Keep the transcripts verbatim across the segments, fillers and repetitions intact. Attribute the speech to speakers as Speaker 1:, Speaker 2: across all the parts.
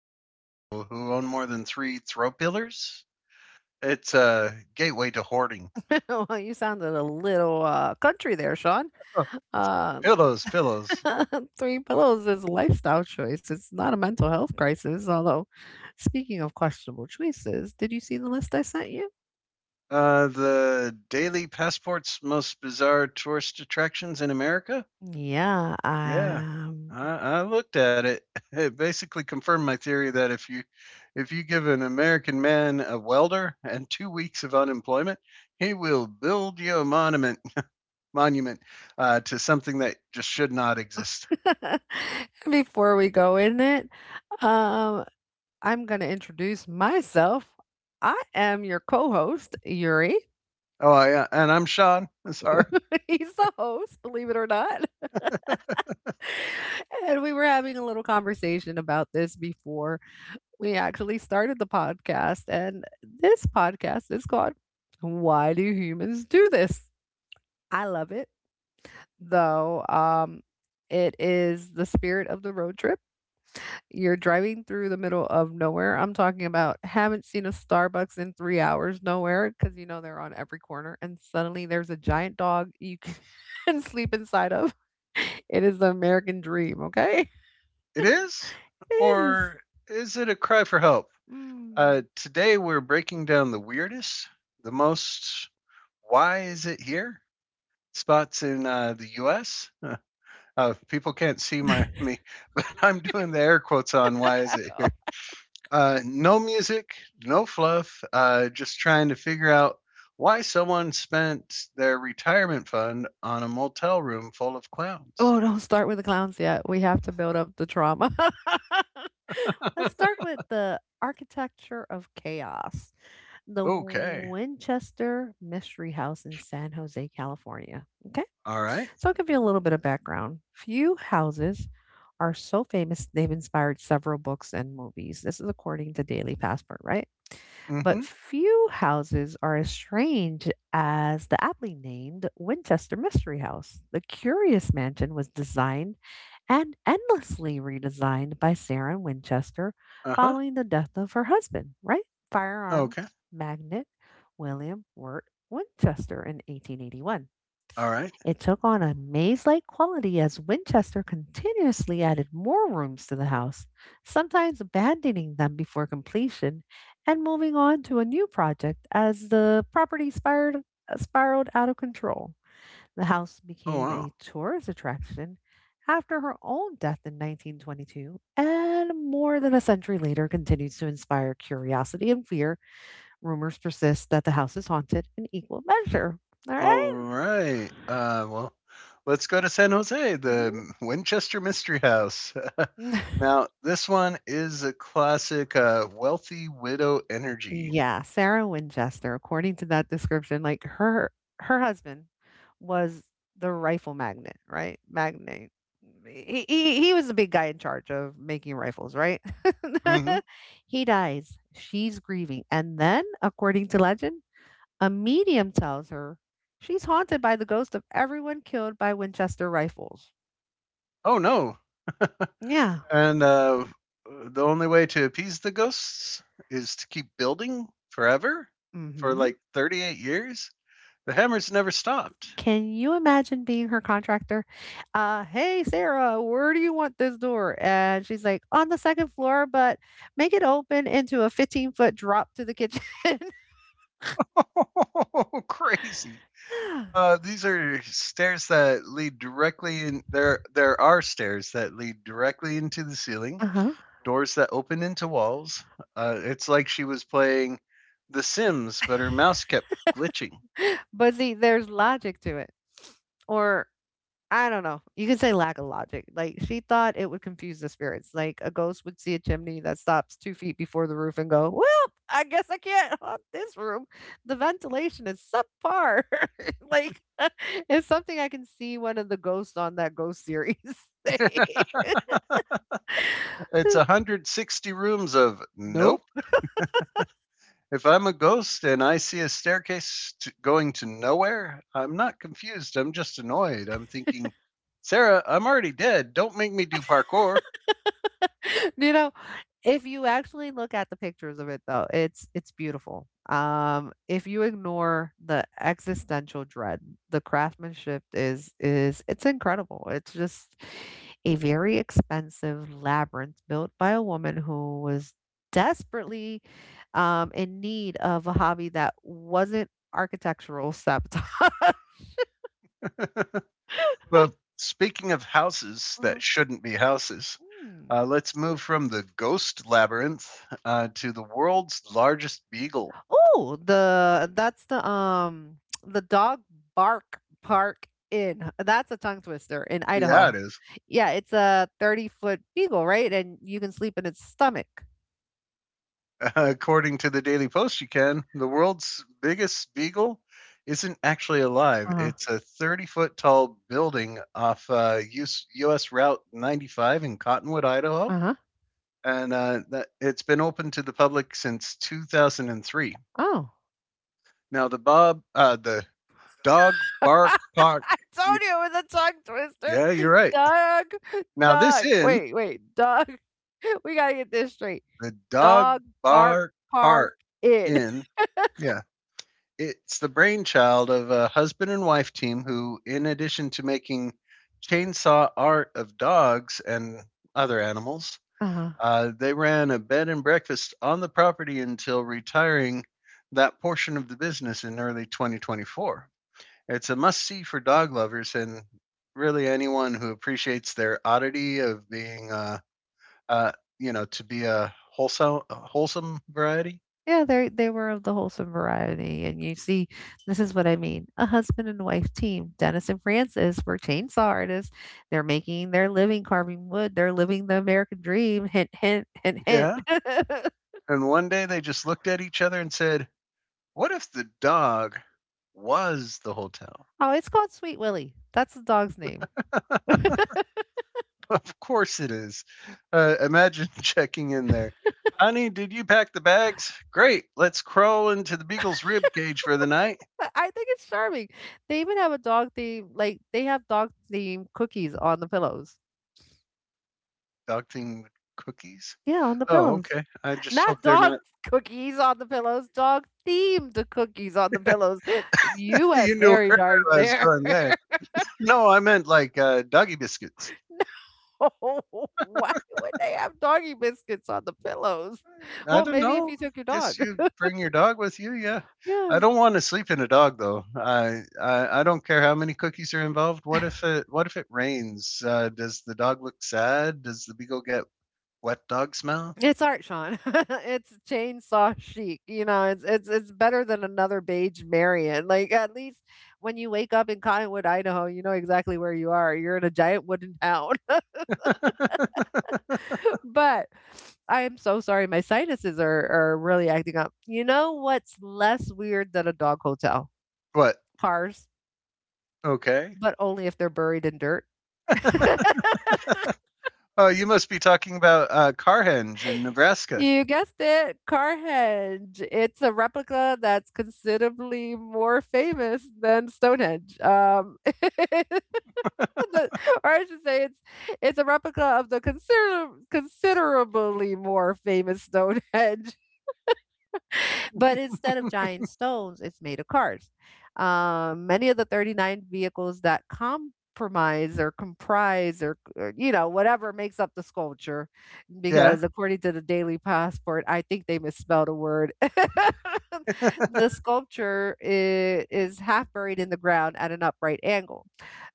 Speaker 1: trust people who own more than three throw pillars. It's a gateway to hoarding.
Speaker 2: Oh, well, you sounded a little uh, country there, Sean.
Speaker 1: Oh,
Speaker 2: Uh,
Speaker 1: pillows, pillows.
Speaker 2: three pillows is a lifestyle choice. It's not a mental health crisis. Although, speaking of questionable choices, did you see the list I sent you?
Speaker 1: Uh, the Daily Passport's most bizarre tourist attractions in America?
Speaker 2: Yeah.
Speaker 1: Yeah.
Speaker 2: Um,
Speaker 1: I, I looked at it. It basically confirmed my theory that if you if you give an American man a welder and two weeks of unemployment, he will build you a monument monument uh, to something that just should not exist.
Speaker 2: before we go in it, um, I'm going to introduce myself. I am your co host, Yuri.
Speaker 1: Oh, yeah. And I'm Sean. It's hard.
Speaker 2: He's the host, believe it or not.
Speaker 1: It
Speaker 2: And we were having a little conversation about this before we actually started the podcast, and this podcast is called Why Do Humans Do This? I love it, though. Um, it is the spirit of the road trip. You're driving through the middle of nowhere. I'm talking about haven't seen a Starbucks in three hours, nowhere, because you know they're on every corner, and suddenly there's a giant dog you can sleep inside of. It is the American dream, okay?
Speaker 1: is?
Speaker 2: It is.
Speaker 1: Or is it a cry for help? Uh,
Speaker 2: Mm.
Speaker 1: today we're breaking down the weirdest, the most why is it here spots in uh, the U S. Uh, uh, people can't see my me, but I'm doing the air quotes on why is it here. Uh, no music, no fluff, uh, just trying to figure out why someone spent their retirement fund on a motel room full of clowns.
Speaker 2: Oh, don't start with the clowns yet. We have to build up the trauma. Let's start with the architecture of chaos. The
Speaker 1: Okay.
Speaker 2: Winchester Mystery House in San Jose, California. Okay.
Speaker 1: All right.
Speaker 2: So I'll give you a little bit of background. Few houses are so famous they've inspired several books and movies. This is according to Daily Passport, right? But
Speaker 1: Mm-hmm.
Speaker 2: few houses are as strange as the aptly named Winchester Mystery House. The curious mansion was designed and endlessly redesigned by Sarah Winchester
Speaker 1: Uh-huh.
Speaker 2: following the death of her husband, right?
Speaker 1: Okay.
Speaker 2: Firearms magnate William Wirt Winchester in eighteen eighty-one.
Speaker 1: All right.
Speaker 2: It took on a maze like quality as Winchester continuously added more rooms to the house, sometimes abandoning them before completion and moving on to a new project as the property spiraled, spiraled out of control. The house
Speaker 1: Oh,
Speaker 2: became
Speaker 1: wow.
Speaker 2: a tourist attraction after her own death in nineteen twenty-two, and more than a century later continues to inspire curiosity and fear. Rumors persist that the house is haunted in equal measure. All right?
Speaker 1: All right. Uh well, let's go to San Jose,
Speaker 2: Mhm.
Speaker 1: the Winchester Mystery House. Now, this one is a classic uh wealthy widow energy.
Speaker 2: Yeah, Sarah Winchester, according to that description, like her her husband was the rifle magnet, right? Magnate. He, he he was the big guy in charge of making rifles, right?
Speaker 1: Mm-hmm.
Speaker 2: He dies. She's grieving. And then, according to legend, a medium tells her she's haunted by the ghost of everyone killed by Winchester rifles.
Speaker 1: Oh, no.
Speaker 2: Yeah.
Speaker 1: And uh the only way to appease the ghosts is to keep building forever for
Speaker 2: Mhm.
Speaker 1: like thirty-eight years. The hammers never stopped.
Speaker 2: Can you imagine being her contractor? Uh, hey, Sarah, where do you want this door? And she's like, on the second floor, but make it open into a fifteen foot drop to the kitchen.
Speaker 1: Crazy.
Speaker 2: Yeah.
Speaker 1: Uh, these are stairs that lead directly in. There, there are stairs that lead directly into the ceiling.
Speaker 2: Uh huh.
Speaker 1: Doors that open into walls. Uh, it's like she was playing The Sims, but her mouse kept glitching.
Speaker 2: But see, there's logic to it. Or I don't know. You can say lack of logic. Like she thought it would confuse the spirits. Like a ghost would see a chimney that stops two feet before the roof and go, "Well, I guess I can't haunt this room. The ventilation is subpar." like it's something I can see one of the ghosts on that ghost series say.
Speaker 1: It's one hundred sixty rooms of
Speaker 2: Nope.
Speaker 1: nope. If I'm a ghost and I see a staircase to, going to nowhere, I'm not confused. I'm just annoyed. I'm thinking, Sarah, I'm already dead. Don't make me do parkour.
Speaker 2: You know, if you actually look at the pictures of it though, it's it's beautiful. Um, if you ignore the existential dread, the craftsmanship is is it's incredible. It's just a very expensive labyrinth built by a woman who was desperately um, in need of a hobby that wasn't architectural sabotage.
Speaker 1: Well, speaking of houses
Speaker 2: Mhm.
Speaker 1: that shouldn't be houses,
Speaker 2: Hmm.
Speaker 1: uh, let's move from the ghost labyrinth uh, to the world's largest beagle.
Speaker 2: Oh, the that's the um the Dog Bark Park Inn. That's a tongue twister in
Speaker 1: Yeah, it
Speaker 2: Idaho.
Speaker 1: is.
Speaker 2: Yeah, it's a thirty foot beagle, right? And you can sleep in its stomach.
Speaker 1: According to the Daily Post, you can. The world's biggest beagle isn't actually alive.
Speaker 2: Uh-huh.
Speaker 1: It's a thirty foot tall building off uh, U S Route ninety-five in Cottonwood, Idaho.
Speaker 2: Uh-huh.
Speaker 1: And uh, that, it's been open to the public since two thousand three.
Speaker 2: Oh.
Speaker 1: Now, the Bob, uh, the Dog Bark Park.
Speaker 2: I told you it was a tongue twister.
Speaker 1: Yeah, you're right.
Speaker 2: Dog,
Speaker 1: Now, this
Speaker 2: dog.
Speaker 1: inn,
Speaker 2: Wait, wait, dog. We gotta get this straight.
Speaker 1: the Dog
Speaker 2: Dog Bark
Speaker 1: Bark
Speaker 2: Park
Speaker 1: Park
Speaker 2: Inn.
Speaker 1: Inn, yeah, it's the brainchild of a husband and wife team who, in addition to making chainsaw art of dogs and other animals,
Speaker 2: Uh-huh.
Speaker 1: uh, they ran a bed and breakfast on the property until retiring that portion of the business in early twenty twenty-four. It's a must see for dog lovers and really anyone who appreciates their oddity of being, uh, uh, you know, to be a wholesome, a wholesome variety.
Speaker 2: Yeah, they they were of the wholesome variety, and you see, this is what I mean. A husband and wife team, Dennis and Francis, were chainsaw artists. They're making their living carving wood. They're living the American dream. Hint, hint, hint, hint.
Speaker 1: Yeah. And one day they just looked at each other and said, what if the dog was the hotel?
Speaker 2: Oh, it's called Sweet Willie. That's the dog's name.
Speaker 1: Of course it is. Uh, imagine checking in there. Honey, did you pack the bags? Great. Let's crawl into the beagle's rib cage for the night.
Speaker 2: I think it's charming. They even have a dog theme, like they have dog theme cookies on the pillows.
Speaker 1: Dog thing with cookies.
Speaker 2: Yeah, on the
Speaker 1: Oh,
Speaker 2: pillows.
Speaker 1: okay. I just
Speaker 2: Not
Speaker 1: hope they're
Speaker 2: dog
Speaker 1: not.
Speaker 2: cookies on the pillows, dog themed cookies on the pillows. You
Speaker 1: You
Speaker 2: went
Speaker 1: knew
Speaker 2: very
Speaker 1: where
Speaker 2: dark
Speaker 1: I was
Speaker 2: there.
Speaker 1: going there. No, I meant like uh, doggy biscuits.
Speaker 2: No, why would they have doggy biscuits on the pillows?
Speaker 1: I
Speaker 2: Well,
Speaker 1: don't
Speaker 2: maybe if
Speaker 1: know.
Speaker 2: you took your
Speaker 1: Guess
Speaker 2: dog.
Speaker 1: you bring your dog with you. Yeah, I
Speaker 2: Yeah.
Speaker 1: don't want to sleep in a dog though. I, I I don't care how many cookies are involved. What if it What if it rains? Uh, does the dog look sad? Does the beagle get wet dog smell?
Speaker 2: It's art, Sean. It's chainsaw chic. You know, it's it's it's better than another beige Marion. Like at least when you wake up in Cottonwood, Idaho, you know exactly where you are. You're in a giant wooden town. But I am so sorry, my sinuses are are really acting up. You know what's less weird than a dog hotel?
Speaker 1: What?
Speaker 2: Cars,
Speaker 1: Okay.
Speaker 2: but only if they're buried in dirt.
Speaker 1: Oh, you must be talking about uh, Carhenge in Nebraska.
Speaker 2: You guessed it, Carhenge. It's a replica that's considerably more famous than Stonehenge. Um, the- or I should say, it's it's a replica of the consider- considerably more famous Stonehenge. But instead of giant stones, it's made of cars. Um, many of the thirty-nine vehicles that compromise or comprise or, or, you know, whatever makes up the sculpture,
Speaker 1: Yeah.
Speaker 2: because according to the Daily Passport, I think they misspelled a word. The sculpture is, is half buried in the ground at an upright angle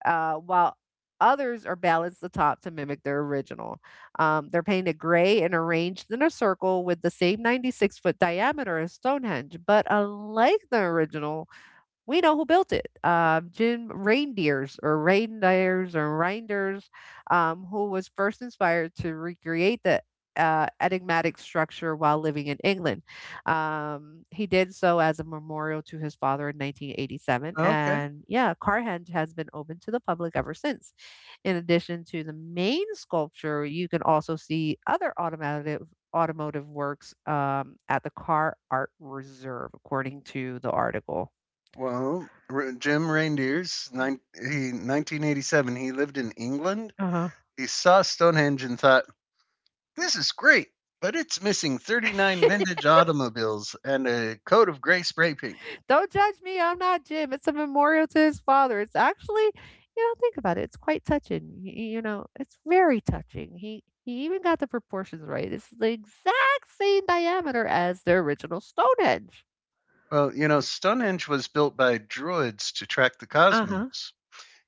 Speaker 2: uh, while others are balanced at the top to mimic their original. Um, they're painted gray and arranged in a circle with the same ninety-six foot diameter as Stonehenge, but unlike the original, we know who built it. Um, Jim Reindeers or Reindeers or Reinders, um, who was first inspired to recreate the uh, enigmatic structure while living in England. Um, he did so as a memorial to his father in nineteen eighty-seven.
Speaker 1: Okay.
Speaker 2: And yeah, Carhenge has been open to the public ever since. In addition to the main sculpture, you can also see other automotive automotive works um, at the Car Art Reserve, according to the article.
Speaker 1: Well, R- Jim Reindeers, nine, he, nineteen eighty-seven, he lived in England.
Speaker 2: Uh-huh.
Speaker 1: He saw Stonehenge and thought, this is great, but it's missing thirty-nine vintage automobiles and a coat of gray spray paint.
Speaker 2: Don't judge me. I'm not Jim. It's a memorial to his father. It's actually, you know, think about it. It's quite touching. Y- You know, it's very touching. He he even got the proportions right. It's the exact same diameter as the original Stonehenge.
Speaker 1: Well, you know, Stonehenge was built by druids to track the
Speaker 2: Uh-huh.
Speaker 1: cosmos.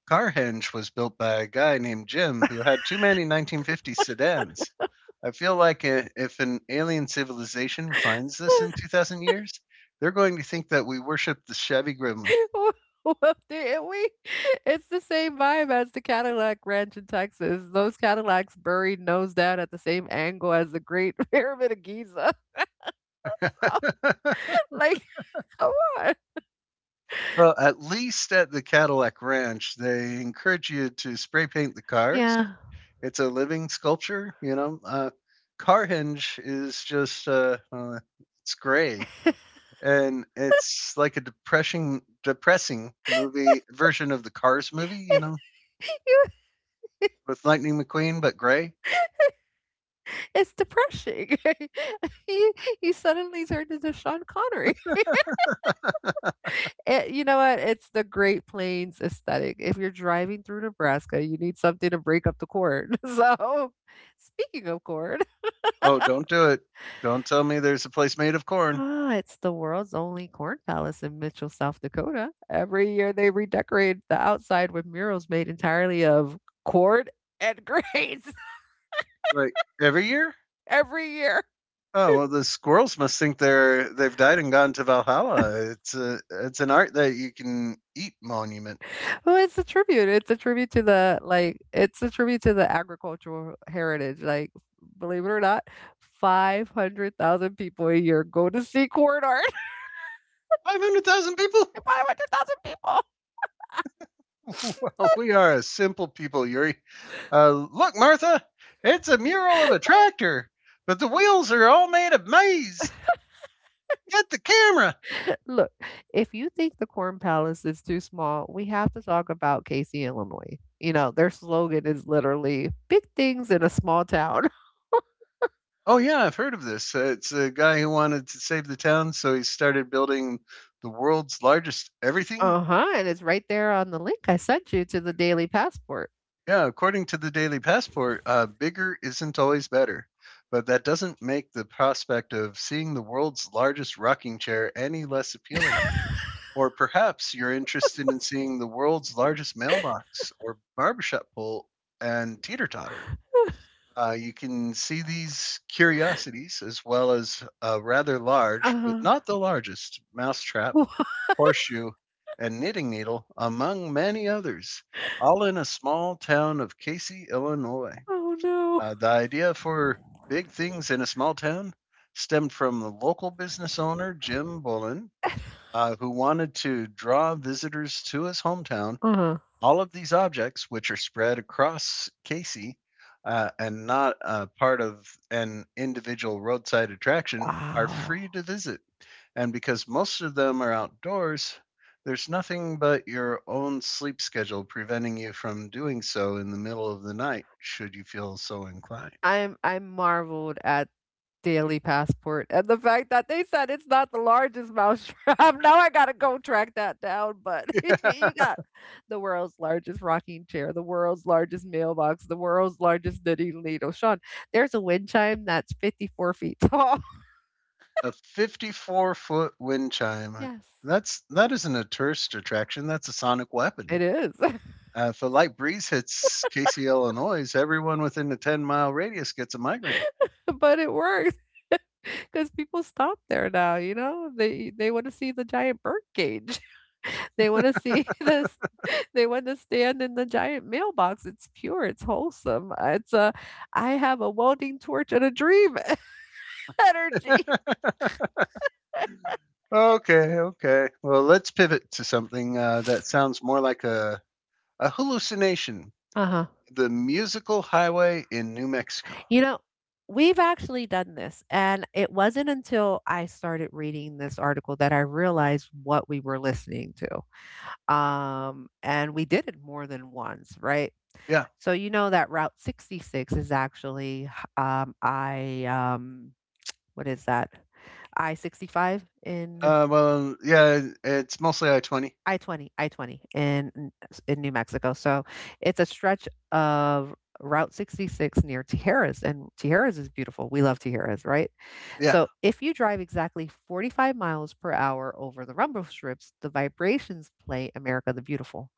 Speaker 1: Carhenge was built by a guy named Jim who had too many nineteen fifties sedans. I feel like uh, if an alien civilization finds this in two thousand years, they're going to think that we worship the Chevy Gremlin.
Speaker 2: Well, did we? It's the same vibe as the Cadillac Ranch in Texas. Those Cadillacs buried nose down at the same angle as the Great Pyramid of Giza. Like, come on.
Speaker 1: Well, at least at the Cadillac Ranch, they encourage you to spray paint the cars.
Speaker 2: Yeah.
Speaker 1: It's a living sculpture, you know. Uh, Car is just uh, uh, it's gray,
Speaker 2: You
Speaker 1: and it's like a depressing, depressing movie version of the Cars movie, you know, with Lightning McQueen but gray.
Speaker 2: it's depressing. He he suddenly turned into Sean Connery. Eh, you know what? It's the Great Plains aesthetic. If you're driving through Nebraska, you need something to break up the corn. So, speaking of corn,
Speaker 1: Oh, don't do it! Don't tell me there's a place made of corn.
Speaker 2: ah, it's the world's only corn palace in Mitchell, South Dakota. Every year they redecorate the outside with murals made entirely of corn and grains
Speaker 1: Like every year.
Speaker 2: every year.
Speaker 1: Oh, well, the squirrels must think they're they've died and gone to Valhalla. It's a it's an art that you can eat monument.
Speaker 2: Well, it's a tribute. It's a tribute to the like it's a tribute to the agricultural heritage. Like, believe it or not, five hundred thousand people a year go to see corn art.
Speaker 1: Five hundred thousand people.
Speaker 2: five hundred thousand people.
Speaker 1: Well, we are a simple people, Yuri. Uh, look, Martha, it's a mural of a tractor, but the wheels are all made of maize. Get the camera.
Speaker 2: Look, if you think the Corn Palace is too small, we have to talk about Casey, Illinois. You know, their slogan is literally big things in a small town.
Speaker 1: Oh, yeah, I've heard of this. Uh, it's a guy who wanted to save the town, so he started building the world's largest everything.
Speaker 2: Uh-huh, and it's right there on the link I sent you to the Daily Passport.
Speaker 1: Yeah, according to the Daily Passport, uh, bigger isn't always better, but that doesn't make the prospect of seeing the world's largest rocking chair any less appealing. Or perhaps you're interested in seeing the world's largest mailbox or barbershop pole and teeter totter. Uh, you can see these curiosities as well as a rather large, but
Speaker 2: Uh-huh.
Speaker 1: not the largest, mousetrap horseshoe, and knitting needle, among many others, all in a small town of Casey, Illinois.
Speaker 2: Oh no.
Speaker 1: Uh, the idea for Big Things in a Small Town stemmed from the local business owner, Jim Bullen, uh, who wanted to draw visitors to his hometown.
Speaker 2: Uh-huh.
Speaker 1: All of these objects, which are spread across Casey uh, and not a part of an individual roadside attraction, are
Speaker 2: Wow.
Speaker 1: free to visit. And because most of them are outdoors, there's nothing but your own sleep schedule preventing you from doing so in the middle of the night, should you feel so inclined.
Speaker 2: I'm I'm marveled at Daily Passport and the fact that they said it's not the largest mousetrap. Now I gotta go track that down, but you got the world's largest rocking chair, the world's largest mailbox, the world's largest knitting needle. Sean, there's a wind chime that's fifty-four feet tall.
Speaker 1: A fifty-four foot wind chime.
Speaker 2: Yes.
Speaker 1: That's that isn't a tourist attraction. That's a sonic weapon.
Speaker 2: It is,
Speaker 1: Uh, if a light breeze hits Casey, Illinois, everyone within the ten mile radius gets a migraine.
Speaker 2: but it works because people stop there now. You know, they they want to see the giant bird cage. They want to see the they want to stand in the giant mailbox. It's pure, it's wholesome. Uh, It's a I have a welding torch and a dream energy.
Speaker 1: Okay, okay. Well, let's pivot to something uh, that sounds more like a, a hallucination.
Speaker 2: Uh-huh.
Speaker 1: The musical highway in New Mexico.
Speaker 2: You know, we've actually done this, and it wasn't until I started reading this article that I realized what we were listening to. Um, and we did it more than once, right?
Speaker 1: Yeah.
Speaker 2: So you know that Route sixty-six is actually um, I um, what is that? I sixty-five in
Speaker 1: Uh, well, yeah, it's mostly I twenty.
Speaker 2: I twenty I twenty in in New Mexico. So it's a stretch of Route sixty-six near Tijeras, and Tijeras is beautiful. We love Tijeras, right? Yeah.
Speaker 1: Yeah.
Speaker 2: So if you drive exactly forty-five miles per hour over the rumble strips, the vibrations play America the Beautiful.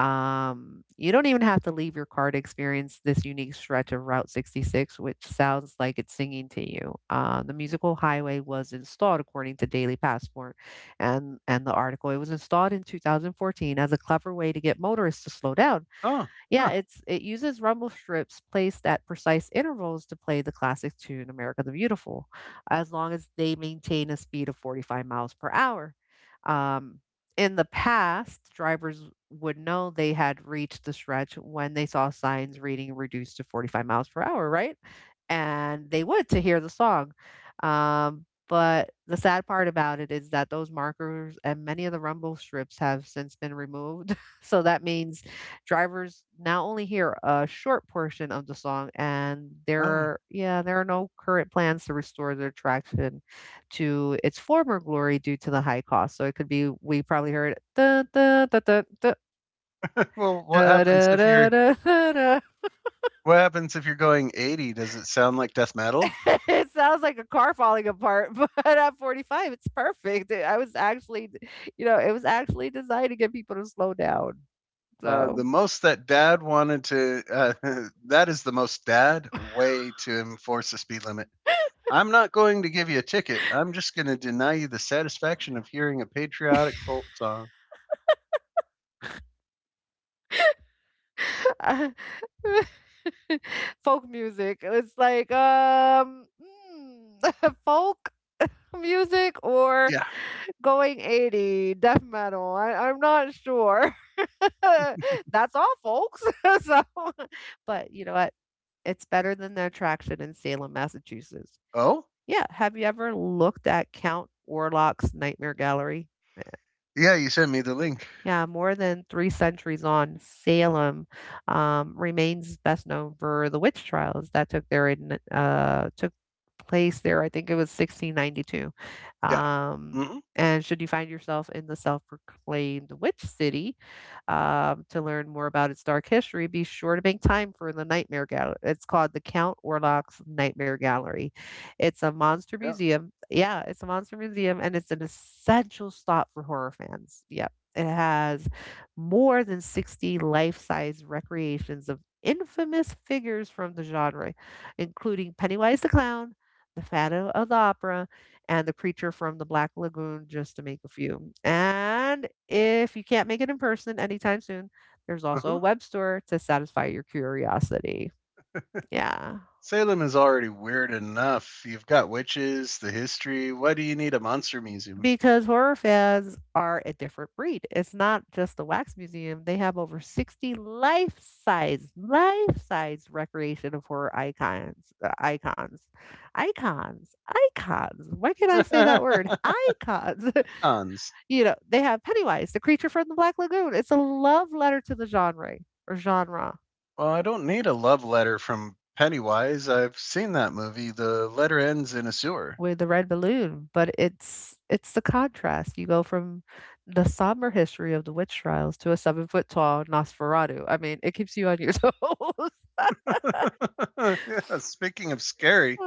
Speaker 2: Um, you don't even have to leave your car to experience this unique stretch of Route sixty-six, which sounds like it's singing to you. Uh, the musical highway was installed, according to Daily Passport and, and the article. It was installed in two thousand fourteen as a clever way to get motorists to slow down.
Speaker 1: Oh, huh.
Speaker 2: Yeah, it's it uses rumble strips placed at precise intervals to play the classic tune America the Beautiful, as long as they maintain a speed of forty-five miles per hour. Um, in the past, drivers would know they had reached the stretch when they saw signs reading reduced to forty-five miles per hour, right? And they would to hear the song. Um, but the sad part about it is that those markers and many of the rumble strips have since been removed. So that means drivers now only hear a short portion of the song, and there
Speaker 1: Oh.
Speaker 2: are, yeah there are no current plans to restore the attraction to its former glory due to the high cost. So it could be we probably heard "Dun, dun, dun, dun, dun,
Speaker 1: Well, what
Speaker 2: da,
Speaker 1: happens
Speaker 2: da,
Speaker 1: if
Speaker 2: da,
Speaker 1: you're.
Speaker 2: da, da, da."
Speaker 1: What happens if you're going eighty? Does it sound like death metal?
Speaker 2: It sounds like a car falling apart. But at forty-five it's perfect. I was actually, you know it was actually designed to get people to slow down,
Speaker 1: Uh, the
Speaker 2: so.
Speaker 1: most that dad wanted to, uh, That is the most dad way to enforce the speed limit. I'm not going to give you a ticket. I'm just going to deny you the satisfaction of hearing a patriotic folk song.
Speaker 2: Folk music. It's like um mm, folk music, or
Speaker 1: Yeah.
Speaker 2: going eighty death metal. I, I'm not sure. That's all, folks. So, but you know what? It's better than the attraction in Salem, Massachusetts.
Speaker 1: Oh?
Speaker 2: Yeah. Have you ever looked at Count Orlok's Nightmare Gallery?
Speaker 1: Yeah, you sent me the link.
Speaker 2: Yeah, more than three centuries on, Salem um, remains best known for the witch trials that took there in uh, took place there. I think it was sixteen ninety-two.
Speaker 1: Yeah.
Speaker 2: Um,
Speaker 1: Mm hmm.
Speaker 2: and should you find yourself in the self-proclaimed witch city, um, to learn more about its dark history, be sure to make time for the Nightmare Gallery. It's called the Count Orlok's Nightmare Gallery. It's a monster
Speaker 1: Yeah.
Speaker 2: museum. Yeah, it's a monster museum, and it's an essential stop for horror fans. Yeah. It has more than sixty life size recreations of infamous figures from the genre, including Pennywise the Clown, the Phantom of the Opera, and the Creature from the Black Lagoon, just to make a few. And if you can't make it in person anytime soon, there's also a
Speaker 1: Uh-huh.
Speaker 2: web store to satisfy your curiosity. Yeah.
Speaker 1: Salem is already weird enough. You've got witches, the history. Why do you need a monster museum?
Speaker 2: Because horror fans are a different breed. It's not just the Wax Museum. They have over sixty life-size, life-size recreation of horror icons, uh, icons, icons, icons. Why can't I say that word? Icons.
Speaker 1: Cons.
Speaker 2: You know, they have Pennywise, the creature from the Black Lagoon. It's a love letter to the genre, or genre,
Speaker 1: Well, I don't need a love letter from Pennywise. I've seen that movie. The letter ends in a sewer.
Speaker 2: with the red balloon. But it's it's the contrast. You go from the somber history of the witch trials to a seven-foot-tall Nosferatu. I mean, it keeps you on your toes.
Speaker 1: Yeah, speaking of scary,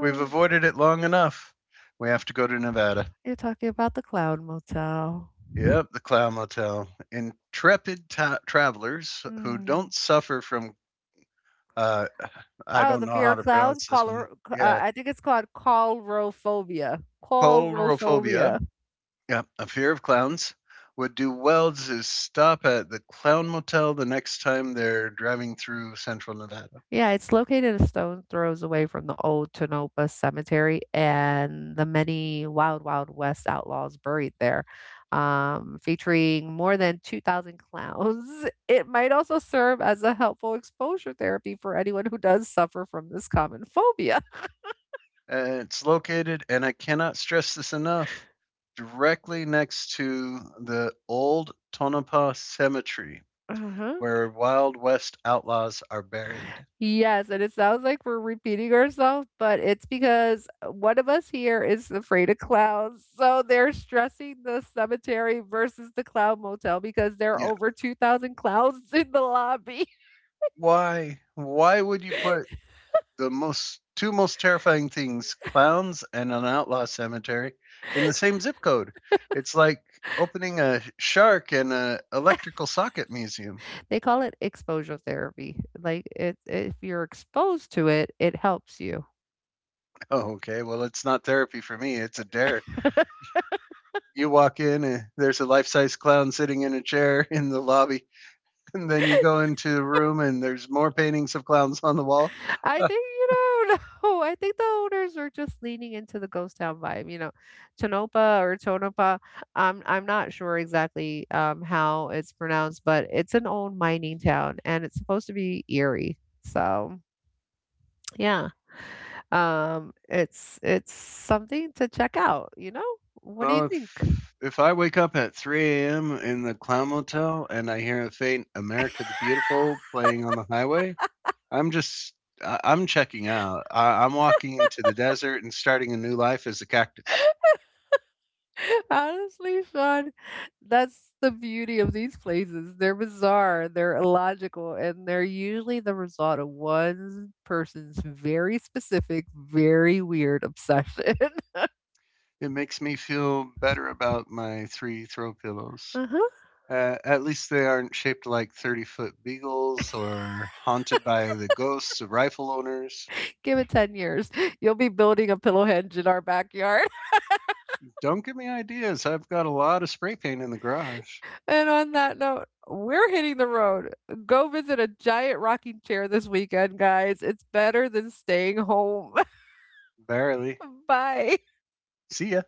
Speaker 1: we've avoided it long enough. We have to go to Nevada.
Speaker 2: you're talking about the Clown Motel.
Speaker 1: Yep, the Clown Motel. Intrepid ta- travelers who
Speaker 2: Mm.
Speaker 1: don't suffer from, uh, I
Speaker 2: Oh,
Speaker 1: don't
Speaker 2: the
Speaker 1: know
Speaker 2: fear
Speaker 1: how
Speaker 2: of
Speaker 1: to
Speaker 2: clowns.
Speaker 1: pronounce this
Speaker 2: Call,
Speaker 1: one.
Speaker 2: uh,
Speaker 1: Yeah,
Speaker 2: I think it's called callrophobia.
Speaker 1: coldrophobia.
Speaker 2: Callrophobia.
Speaker 1: Yeah, a fear of clowns would do well to stop at the Clown Motel the next time they're driving through central Nevada.
Speaker 2: Yeah, it's located a stone throws away from the old Tonopah Cemetery and the many Wild Wild West outlaws buried there. Um, featuring more than two thousand clowns, it might also serve as a helpful exposure therapy for anyone who does suffer from this common phobia.
Speaker 1: Uh, it's located, and I cannot stress this enough, directly next to the old Tonopah Cemetery
Speaker 2: Uh-huh.
Speaker 1: where Wild West outlaws are buried.
Speaker 2: Yes, and it sounds like we're repeating ourselves, but it's because one of us here is afraid of clowns. So they're stressing the cemetery versus the clown motel because there are
Speaker 1: Yeah.
Speaker 2: over two thousand clowns in the lobby.
Speaker 1: Why? Why would you put the most two most terrifying things, clowns and an outlaw cemetery, in the same zip code. It's like opening a shark and a electrical socket museum.
Speaker 2: They call it exposure therapy. Like it, if you're exposed to it, it helps you.
Speaker 1: Oh, okay. Well, it's not therapy for me. It's a dare. You walk in and there's a life-size clown sitting in a chair in the lobby. And then you go into the room and there's more paintings of clowns on the wall.
Speaker 2: I
Speaker 1: Uh,
Speaker 2: think you don't know. I think the owners are just leaning into the ghost town vibe. You know, Tonopah or Tonopah. I'm I'm not sure exactly um how it's pronounced, but it's an old mining town, and it's supposed to be eerie. So yeah, um, it's it's something to check out. You know, what do you
Speaker 1: well
Speaker 2: think?
Speaker 1: if, if I wake up at three a m in the clown motel and I hear a faint America the Beautiful playing on the highway, I'm just I- I'm checking out. I- I'm walking into the desert and starting a new life as a cactus.
Speaker 2: Honestly, Sean, that's the beauty of these places. They're bizarre, they're illogical, and they're usually the result of one person's very specific, very weird obsession.
Speaker 1: It makes me feel better about my three throw pillows.
Speaker 2: Uh-huh.
Speaker 1: Uh, at least they aren't shaped like thirty foot beagles or haunted by the ghosts of rifle owners.
Speaker 2: Give it ten years, you'll be building a pillow hedge in our backyard.
Speaker 1: Don't give me ideas. I've got a lot of spray paint in the garage.
Speaker 2: And on that note, we're hitting the road. Go visit a giant rocking chair this weekend, guys. It's better than staying home.
Speaker 1: Barely.
Speaker 2: Bye.
Speaker 1: See ya.